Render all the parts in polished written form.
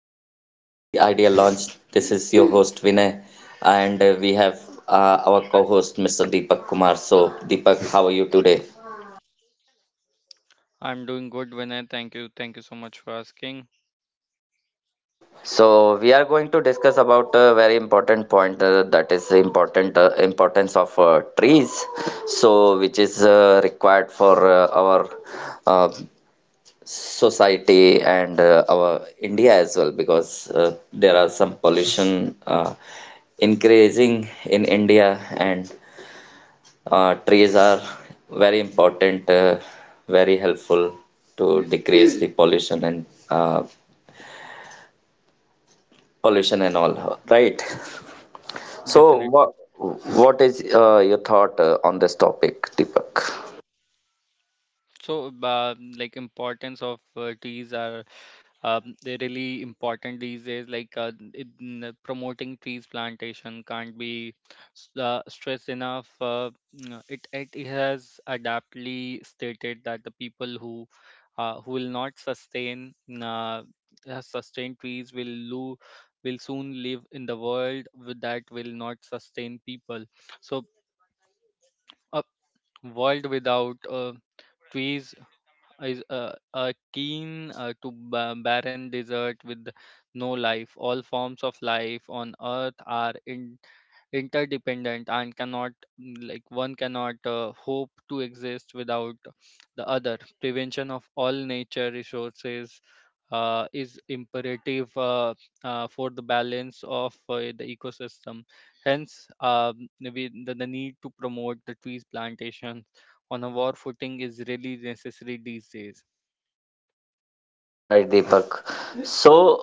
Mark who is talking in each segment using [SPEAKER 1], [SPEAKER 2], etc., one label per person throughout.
[SPEAKER 1] Our channel, The Idea Launch. This is your host Vinay, and we have our co-host Mr. Deepak Kumar. So, Deepak, how are you today?
[SPEAKER 2] I'm doing good, Vinay. Thank you. Thank you so much for asking.
[SPEAKER 1] So, we are going to discuss about a very important point that is important importance of trees. So, which is required for our uh, society and our India as well because there are some pollution. Increasing in India, and trees are very important, very helpful to decrease the pollution and pollution and all. Right. So,
[SPEAKER 2] Definitely.
[SPEAKER 1] what what is your thought on this topic, Deepak?
[SPEAKER 2] Like importance of trees are they're really important these days. Promoting trees plantation can't be stressed enough. It has adaptly stated that the people who will not sustain uh, sustain trees will will soon live in the world with that will not sustain people. So. uh, World without trees is a keen to barren desert with no life. All forms of life on earth are in, interdependent and cannot one cannot hope to exist without the other. Prevention of all nature resources is imperative for the balance of the ecosystem. Hence, the need to promote the trees plantation on a war footing is really necessary these days.
[SPEAKER 1] Right, Deepak. So,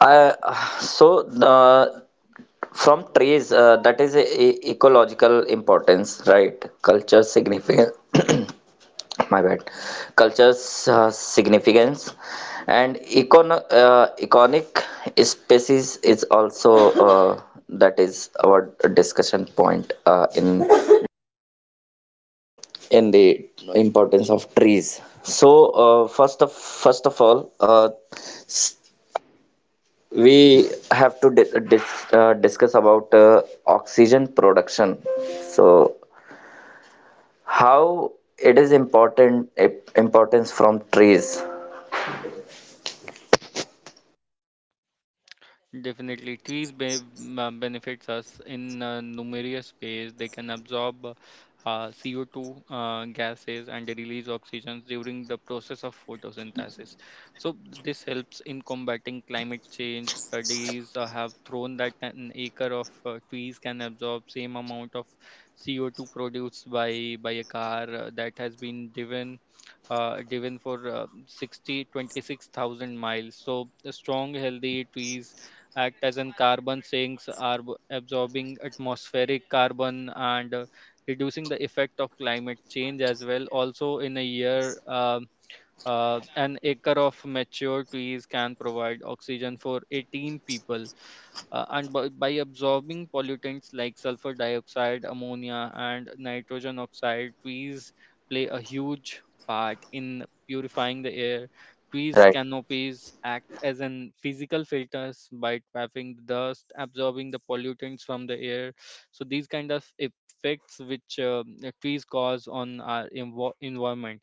[SPEAKER 1] I so from trees that is a ecological importance, right? Culture significance. My bad, cultures significance and iconic species is also uh, that is our discussion point in the importance of trees, so first of all, we have to discuss about oxygen production. So how it is important, importance from trees,
[SPEAKER 2] Definitely, benefits us in numerous ways. They can absorb CO2 gases and they release oxygen during the process of photosynthesis. So this helps in combating climate change. Studies have thrown that an acre of trees can absorb same amount of CO2 produced by a car that has been driven driven for 60 26,000 miles. So the strong, healthy trees act as in carbon sinks are absorbing atmospheric carbon and reducing the effect of climate change as well. Also, in a year an acre of mature trees can provide oxygen for 18 people, and by absorbing pollutants like sulfur dioxide, ammonia, and nitrogen oxide. Trees play a huge part in purifying the air. Trees'
[SPEAKER 1] right?
[SPEAKER 2] canopies act as an physical filters by trapping the dust, absorbing the pollutants from the air. So these kind of effects which the trees cause on our environment.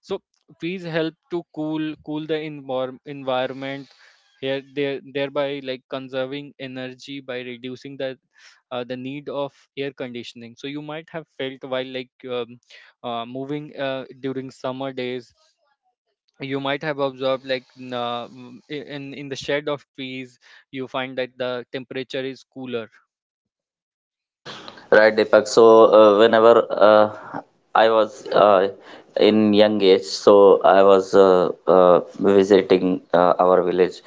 [SPEAKER 2] So trees help to cool the environment here there thereby like conserving energy by reducing the need of air conditioning. So you might have felt while moving during summer days you might have observed in the shade of trees you find that the temperature is cooler.
[SPEAKER 1] Right, Deepak. So, whenever I was in young age, so I was visiting our village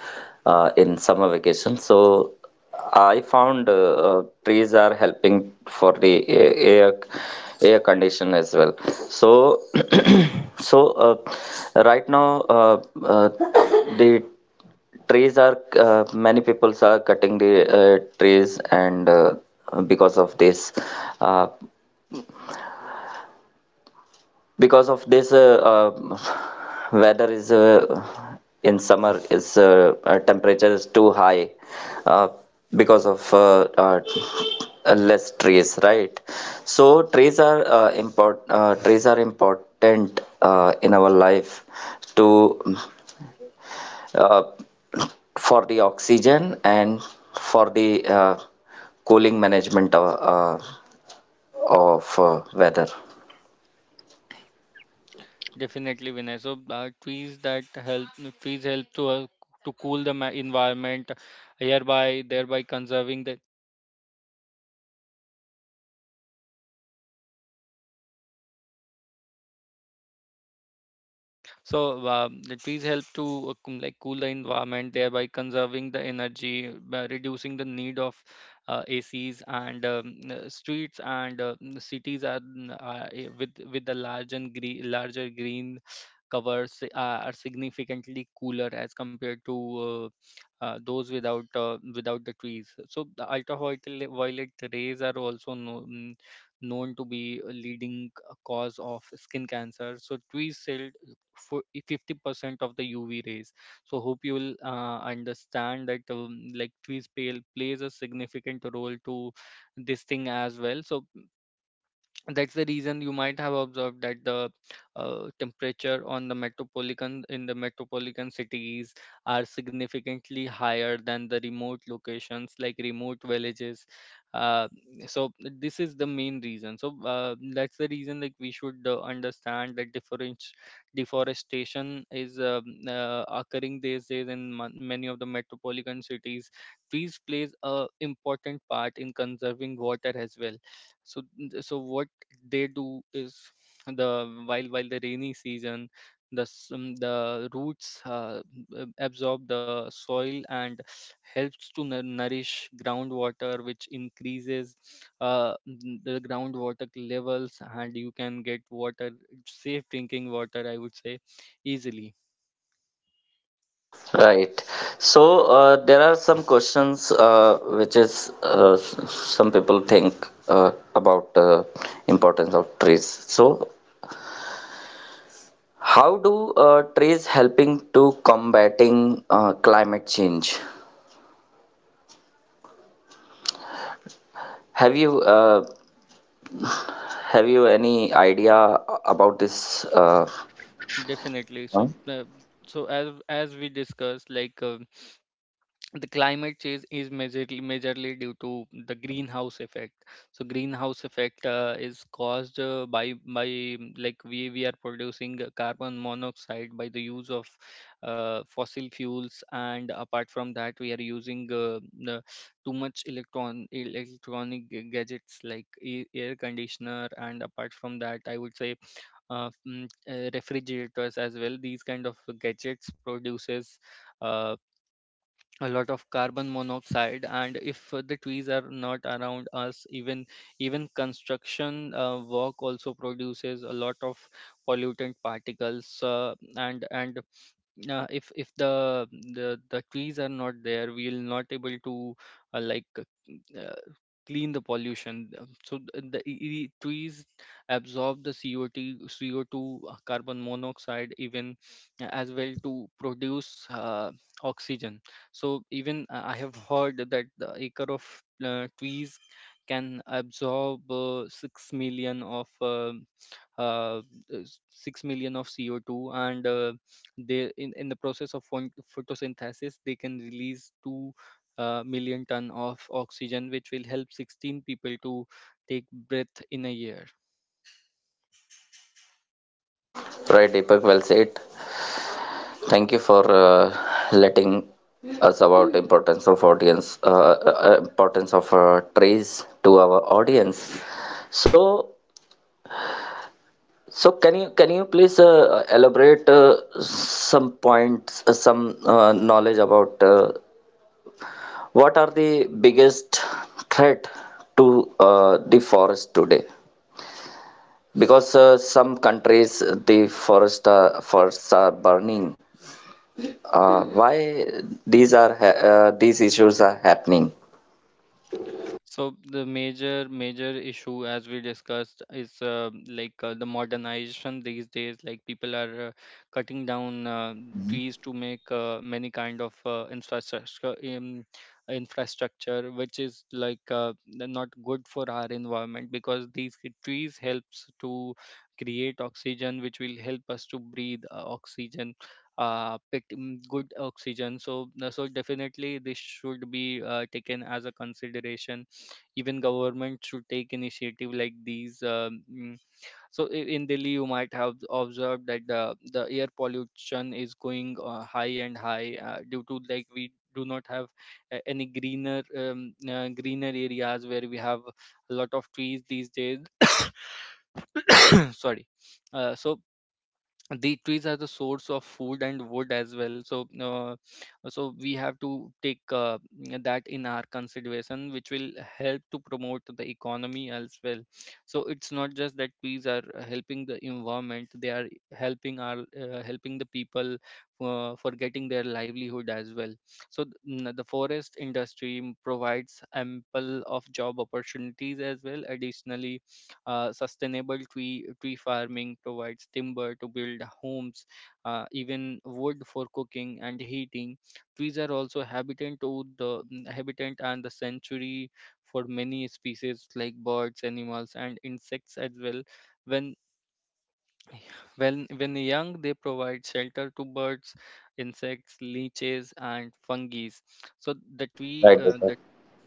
[SPEAKER 1] in summer vacation. So, I found trees are helping for the air air condition as well. So, so right now the trees are many people are cutting the trees and because of this uh, because of this weather is in summer is temperature is too high, uh, because of less trees, right? So trees are import trees are important in our life to, uh, for the oxygen and for the cooling management uh, of weather,
[SPEAKER 2] Definitely, Vinay. So trees help to cool the environment, hereby thereby conserving the the trees help to cool the environment, thereby conserving the energy, by reducing the need of ACs, and streets and cities are with the larger green covers are significantly cooler as compared to those without without the trees. So the ultraviolet violet rays are also known to be a leading cause of skin cancer. So trees for 50% of the UV rays. So hope you will understand that trees pale plays a significant role to this thing as well. So that's the reason you might have observed that the temperature on the metropolitan in the metropolitan cities are significantly higher than the remote locations like remote villages. uh, so this is the main reason. So that's the reason like we should understand that different deforestation is occurring these days in many of the metropolitan cities. Trees plays a important part in conserving water as well. What they do is, the while the rainy season the roots absorb the soil and helps to nourish groundwater, which increases the groundwater levels, and you can get water, safe drinking water I would say, easily.
[SPEAKER 1] right? So there are some questions which is, some people think about importance of trees. So how do trees helping to combating climate change? Have you have you any idea about this
[SPEAKER 2] Definitely. So
[SPEAKER 1] point?
[SPEAKER 2] as we discussed, the climate change is majorly due to the greenhouse effect. So greenhouse effect is caused by mm, like we are producing carbon monoxide by the use of fossil fuels, and apart from that we are using the- too much electronic gadgets like air conditioner, and apart from that I would say refrigerators as well. These kind of gadgets produces uh, a lot of carbon monoxide, and if the trees are not around us, even construction work also produces a lot of pollutant particles, and if the trees are not there we'll not able to uh, like uh, uh, clean the pollution. Trees absorb the CO2, carbon monoxide even, as well, to produce oxygen. So even I have heard that the acre of trees can absorb 6 million of uh, 6 million of CO2, and they, in the process of photosynthesis, they can release 2 million ton of oxygen, which will help 16 people to take breath in a year.
[SPEAKER 1] Right, Deepak, well said. Thank you for letting us about importance of audience, importance of trees to our audience. So, so can you please elaborate some points, some knowledge about what are the biggest threat to the forest today? Because some countries the forests are burning, why these are these issues are happening.
[SPEAKER 2] So the major issue, as we discussed, is the modernization these days. Like people are cutting down trees to make many kind of infrastructure, which is not good for our environment, because these trees helps to create oxygen, which will help us to breathe oxygen. Good oxygen. So, so definitely this should be taken as a consideration. Even government should take initiative like these in Delhi. You might have observed that the air pollution is going high and high due to, like, we do not have any greener areas where we have a lot of trees these days. Sorry. uh, so the trees are the source of food and wood as well. So so we have to take that in our consideration, which will help to promote the economy as well. So it's not just that trees are helping the environment, they are helping our helping the people for getting their livelihood as well. So the forest industry provides ample of job opportunities as well. Additionally, sustainable tree farming provides timber to build homes, even wood for cooking and heating. Trees are also habitant to the habitant and the sanctuary for many species like birds, animals, and insects as well. When when young, they provide shelter to birds, insects, leeches, and fungi. So
[SPEAKER 1] Right, Deepak.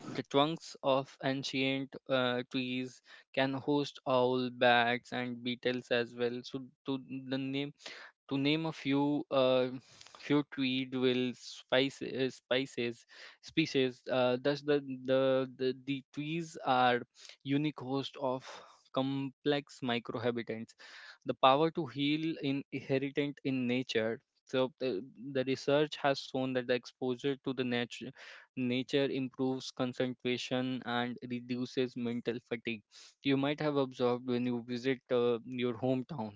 [SPEAKER 2] the trunks of ancient trees can host owl, bats, and beetles as well. So, the name to name a few few tweed will spice spices species. Thus, the trees are unique host of complex microhabitats. The power to heal in inherent in nature. So the research has shown that the exposure to the nature improves concentration and reduces mental fatigue. You might have observed when you visit your hometown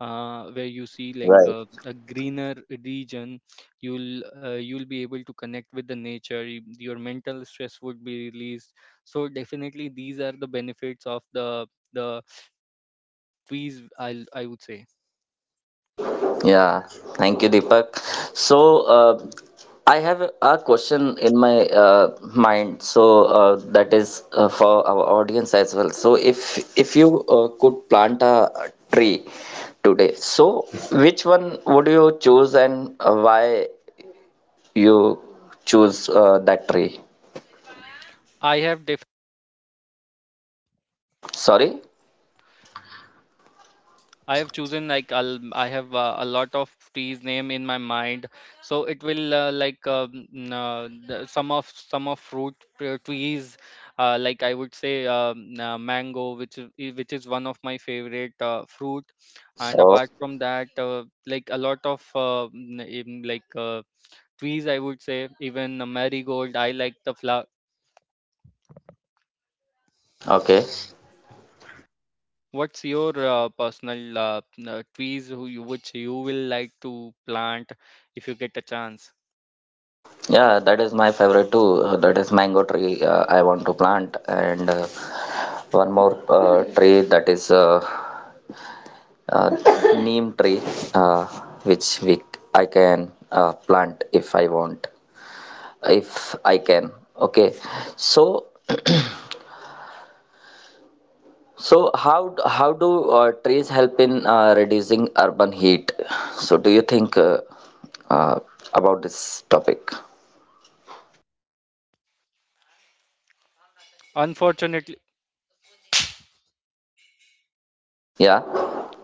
[SPEAKER 2] where you see like
[SPEAKER 1] Right.
[SPEAKER 2] a greener region, you'll be able to connect with the nature, your mental stress would be released. So definitely these are the benefits of the trees, I would say.
[SPEAKER 1] Yeah, thank you, Deepak. So, I have a question in my mind, so that is for our audience as well. So, if you could plant a tree today, so which one would you choose and why you choose that tree?
[SPEAKER 2] i have
[SPEAKER 1] Sorry?
[SPEAKER 2] I have chosen like I have a lot of trees name in my mind, so it will some of fruit trees. I would say mango, which is which is one of my favorite fruit, and
[SPEAKER 1] Oh,
[SPEAKER 2] apart from that, a lot of n- in, like trees, I would say even marigold. I like the flower.
[SPEAKER 1] okay.
[SPEAKER 2] What's your personal trees who you, which you will like to plant if you get a chance?
[SPEAKER 1] Yeah, that is my favorite too. That is mango tree I want to plant, and one more tree that is uh, neem tree, uh, which we I can plant if I want, if I can. Okay, so so how do trees help in reducing urban heat? So do you think uh, about this topic?
[SPEAKER 2] Unfortunately,
[SPEAKER 1] Yeah,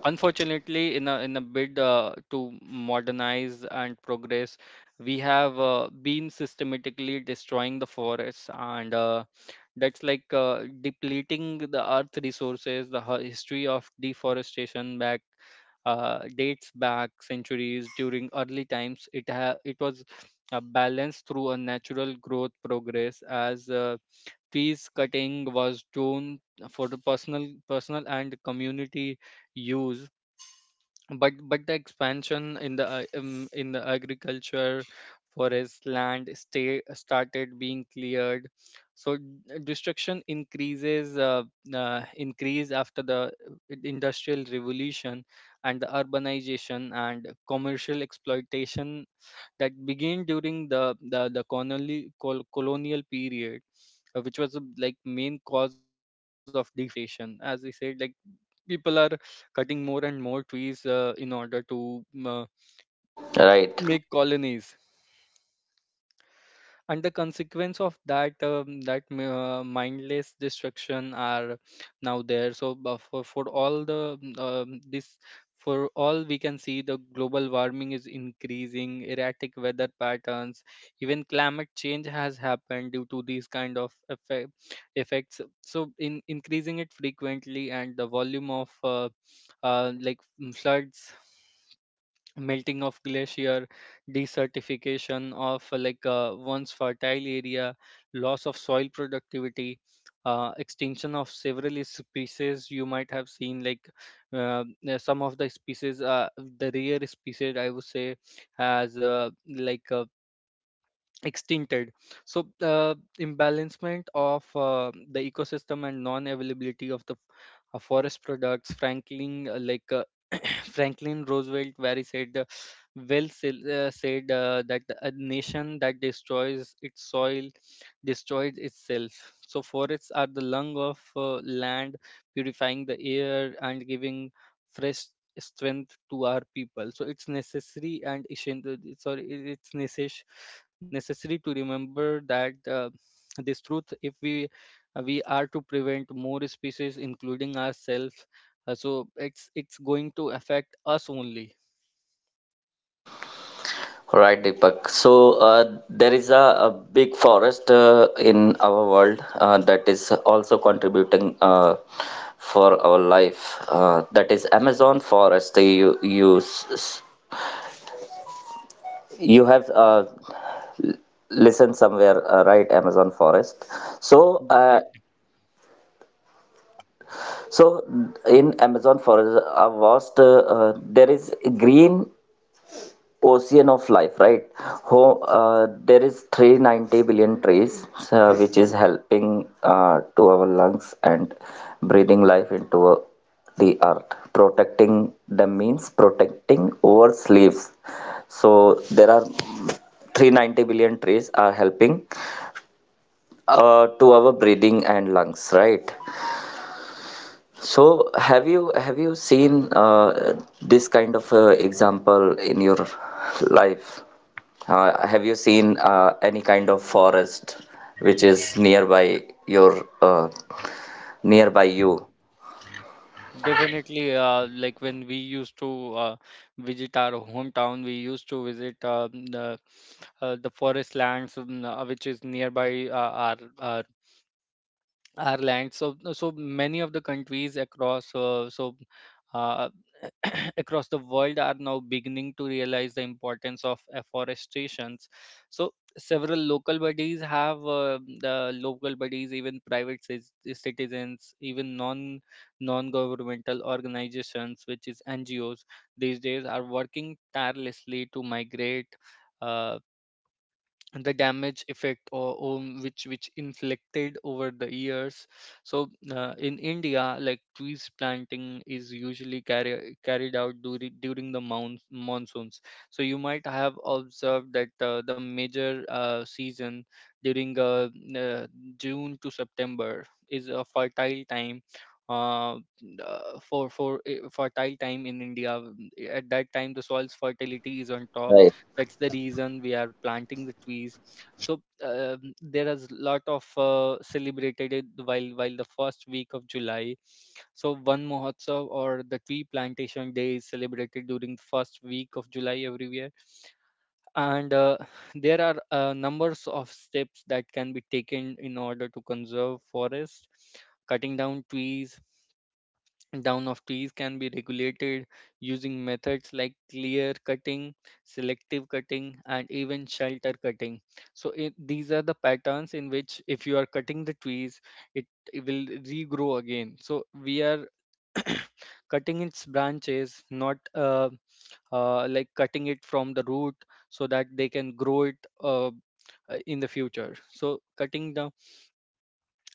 [SPEAKER 2] Unfortunately, in a bid to modernize and progress, we have been systematically destroying the forests, and that's like depleting the earth resources. The history of deforestation back dates back centuries. During early times, it was balanced through a natural growth progress as trees cutting was done for the personal and community use, but the expansion in the agriculture forest land stay started being cleared. so d- Destruction increase after the industrial revolution and the urbanization and commercial exploitation that began during the colonial colonial period, which was like main cause of deforestation, as we said. Like, people are cutting more and more trees in order to
[SPEAKER 1] right.
[SPEAKER 2] make colonies, and the consequence of that mindless destruction are now there. For all the mm, this for all we can see the global warming is increasing, erratic weather patterns, even climate change has happened due to these kind of effects. So in increasing it frequently and the volume of like floods, melting of glacier, desertification of once fertile area, loss of soil productivity, extinction of several species. You might have seen like some of the species, the rare species, I would say, has extincted. So the imbalancement of the ecosystem and non availability of the forest products. Franklin like Franklin Roosevelt very said well said, that a nation that destroys its soil destroys itself. So forests are the lung of land, purifying the air and giving fresh strength to our people. So it's necessary and essen- sorry it's necessary necessary to remember that this truth if we are to prevent more species including ourselves. So it's going to affect us only.
[SPEAKER 1] Right, Deepak. So there is a big forest in our world that is also contributing for our life. That is Amazon forest. So, you have listened somewhere, right? Amazon forest. So
[SPEAKER 2] definitely
[SPEAKER 1] so in Amazon forest, a vast, there is green ocean of life, right? There is 390 billion trees which is helping to our lungs and breathing life into the earth, protecting them means protecting earth's leaves. So there are 390 billion trees are helping to our breathing and lungs, right? So have you seen this kind of example in your life? Have you seen any kind of forest which is nearby your nearby you?
[SPEAKER 2] definitely like when we used to visit our hometown, we used to visit the forest lands, which is nearby our land. So so many of the countries across so uh, across the world are now beginning to realize the importance of afforestations. So several local bodies have the local bodies, even private citizens, even non governmental organizations, which is NGOs, these days are working tirelessly to migrate uh, the damage effect or which inflicted over the years. So in India, like, trees planting is usually carried out during the monsoons. So you might have observed that the major season during uh, June to September is a fertile time, uh, for fertile time in India. At that time, the soil's fertility is on top.
[SPEAKER 1] Right.
[SPEAKER 2] That's the reason we are planting the trees. So there is a lot of celebrated it, while the first week of July. So one mahotsav or the tree plantation day is celebrated during the first week of July every year. And there are numbers of steps that can be taken in order to conserve forest. Cutting down trees, down of trees can be regulated using methods like clear cutting, selective cutting, and even shelter cutting. So these are the patterns in which if you are cutting the trees, it, it will regrow again. So we are cutting its branches, not like cutting it from the root so that they can grow it in the future. So cutting down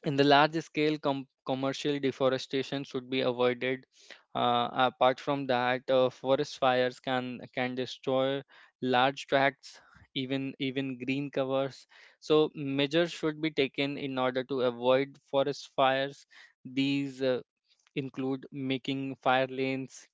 [SPEAKER 2] in the large scale commercial deforestation should be avoided. Apart from that, forest fires can destroy large tracts, even green covers. So measures should be taken in order to avoid forest fires. These include making fire lanes,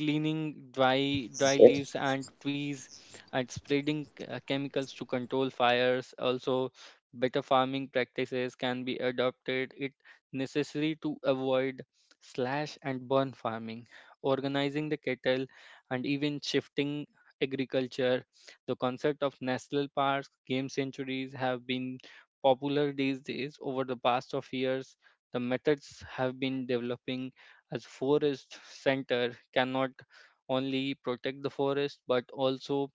[SPEAKER 2] cleaning dry leaves and trees, and spreading chemicals to control fires. Also, better farming practices can be adopted. It necessary to avoid slash and burn farming, organizing the cattle, and even shifting agriculture. The concept of national parks, game sanctuaries have been popular these days over the past of years. The methods have been developing as forest center cannot only protect the forest but also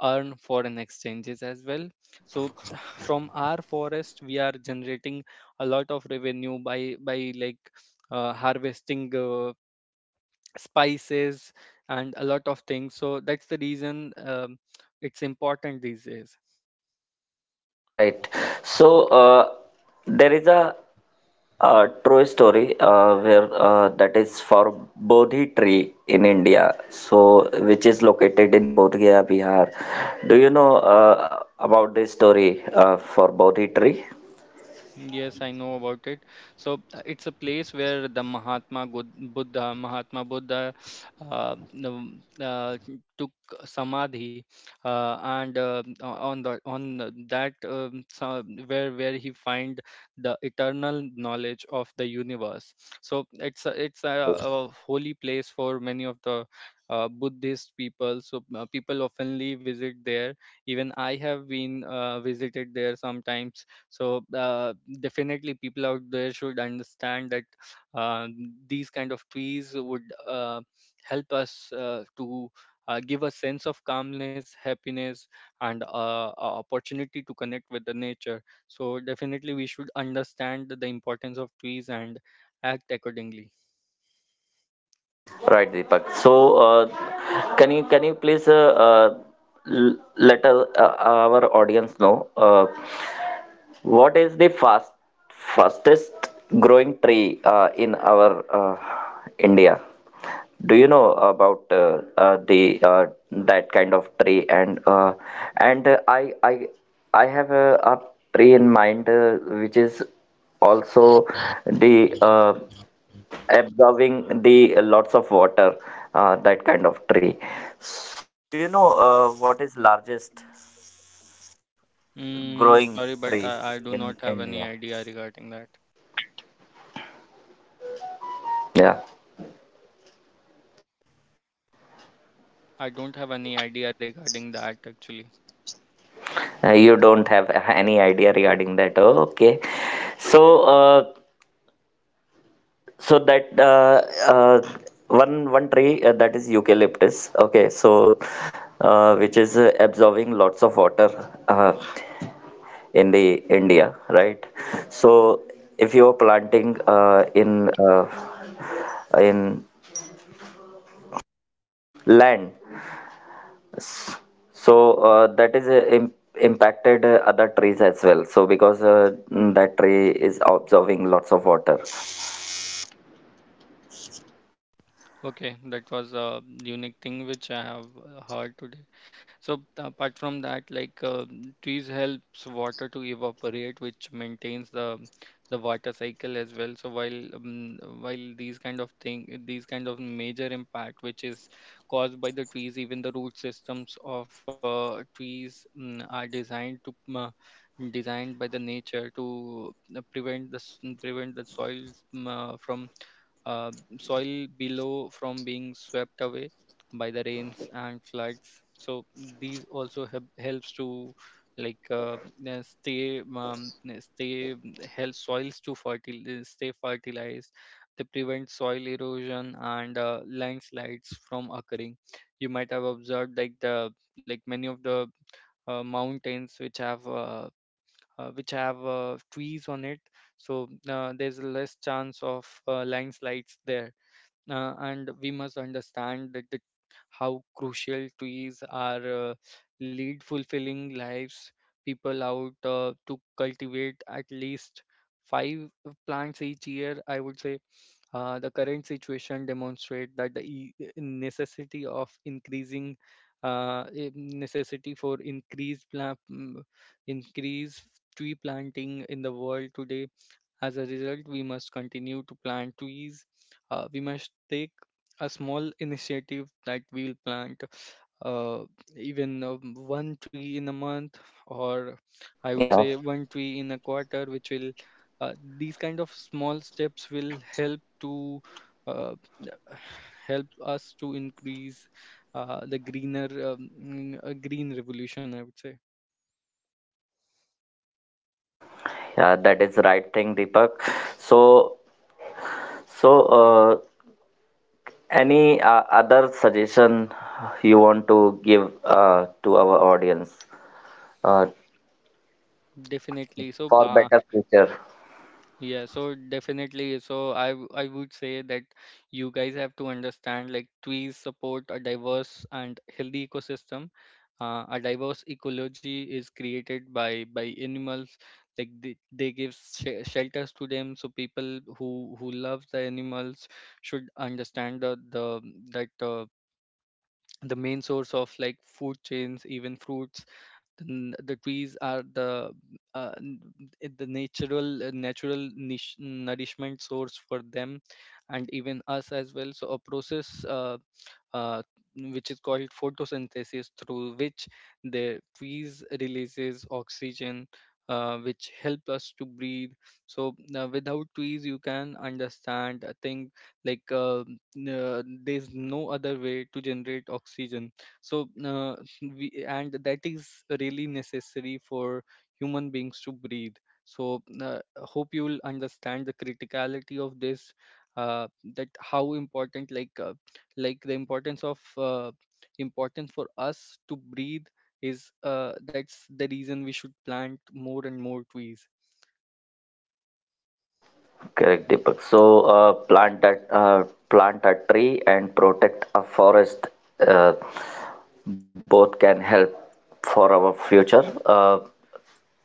[SPEAKER 2] earn foreign exchanges as well. So from our forest we are generating a lot of revenue by like harvesting spices and a lot of things. So that's the reason, um, it's important these days.
[SPEAKER 1] Right. So there is a, uh, true story where that is for Bodhi tree in India, so which is located in Bodh Gaya, Bihar. Do you know about this story for Bodhi tree?
[SPEAKER 2] Yes, I know about it. So it's a place where the Buddha, Mahatma Buddha, uh, the- uh, took samadhi, and on the- that sa- where he find the eternal knowledge of the universe. So it's a holy place for many of the Buddhist people. So people oftenly visit there. Even I have been visited there sometimes. So definitely people out there should understand that uh, these kind of trees would uh, help us to give a sense of calmness, happiness, and a opportunity to connect with the nature. So definitely we should understand the importance of trees and act accordingly.
[SPEAKER 1] Right, Deepak. So can you please let our audience know, what is the fastest growing tree in our India? Do you know about the that kind of tree? And I I have a tree in mind which is also the, absorbing the lots of water, that kind of.
[SPEAKER 2] Sorry, but I do not have any idea regarding that. I don't have any idea regarding that, actually.
[SPEAKER 1] You don't have any idea regarding that. Oh, okay. So, so that uh, one tree that is eucalyptus. Okay, so which is absorbing lots of water uh, in the India, right? So, if you are planting in land, so that is impacted other trees as well. So because that tree is absorbing.
[SPEAKER 2] Okay, that was a unique thing which I have heard today. So apart from that, trees helps water to evaporate, which maintains the water cycle as well. So while these kind of thing, these kind of major impact which is caused by the trees, even the root systems of trees are designed by the nature to prevent the soil mm, from uh, soil below from being swept away by the rains and floods. So these also helps to like stay stay help soils to fertile stay fertilized. They prevent soil erosion and landslides from occurring. You might have observed like the like many of the mountains which have trees on it. So there's less chance of landslides there. And we must understand how crucial trees are, uh, lead fulfilling lives. People out to cultivate at least five plants each year, I would say. The current situation demonstrate that the e- e, necessity of increasing eh, necessity for increased plant increased tree planting in the world today. As a result, we must continue to plant trees. We must take a small initiative that we'll plant uh, even one tree in a month, or I would
[SPEAKER 1] Yeah,
[SPEAKER 2] say one tree in a quarter, which will these kind of small steps will help to uh, help us to increase the greener green revolution, I would say.
[SPEAKER 1] yeah, that is right thing, Deepak. So, so any other suggestion you want to give to our audience uh,
[SPEAKER 2] Definitely so
[SPEAKER 1] for better future?
[SPEAKER 2] Yeah, so definitely. So I would say that you guys have to understand like trees support a diverse and healthy ecosystem. A diverse ecology is created by animals. Like they give shelters to them. So people who love the animals should understand the that the main source of like food chains, even fruits, then the trees are the uh, n- the natural nourishment source for them and even us as well. So a process uh, which is called photosynthesis, through which the trees releases oxygen, which help us to breathe. So without trees, you can understand, I think, like uh, there's no other way to generate oxygen. So we and that is really necessary for human beings to breathe. So hope you will understand the criticality of this uh, that how important like the importance of importance for us to breathe is that's the reason we should plant more and more trees.
[SPEAKER 1] Correct, Deepak. So, plant a tree and protect a forest. Uh, both can help for our future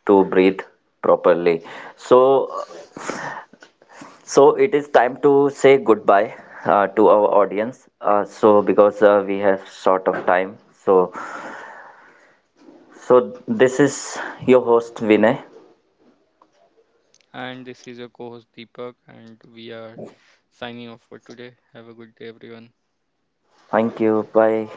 [SPEAKER 1] to breathe properly. So, so it is time to say goodbye to our audience. So because we have short of time, so so this is your host Vinay.
[SPEAKER 2] And this is your co host Deepak, and we are signing off for today. Have a good day, everyone.
[SPEAKER 1] Thank you. Bye.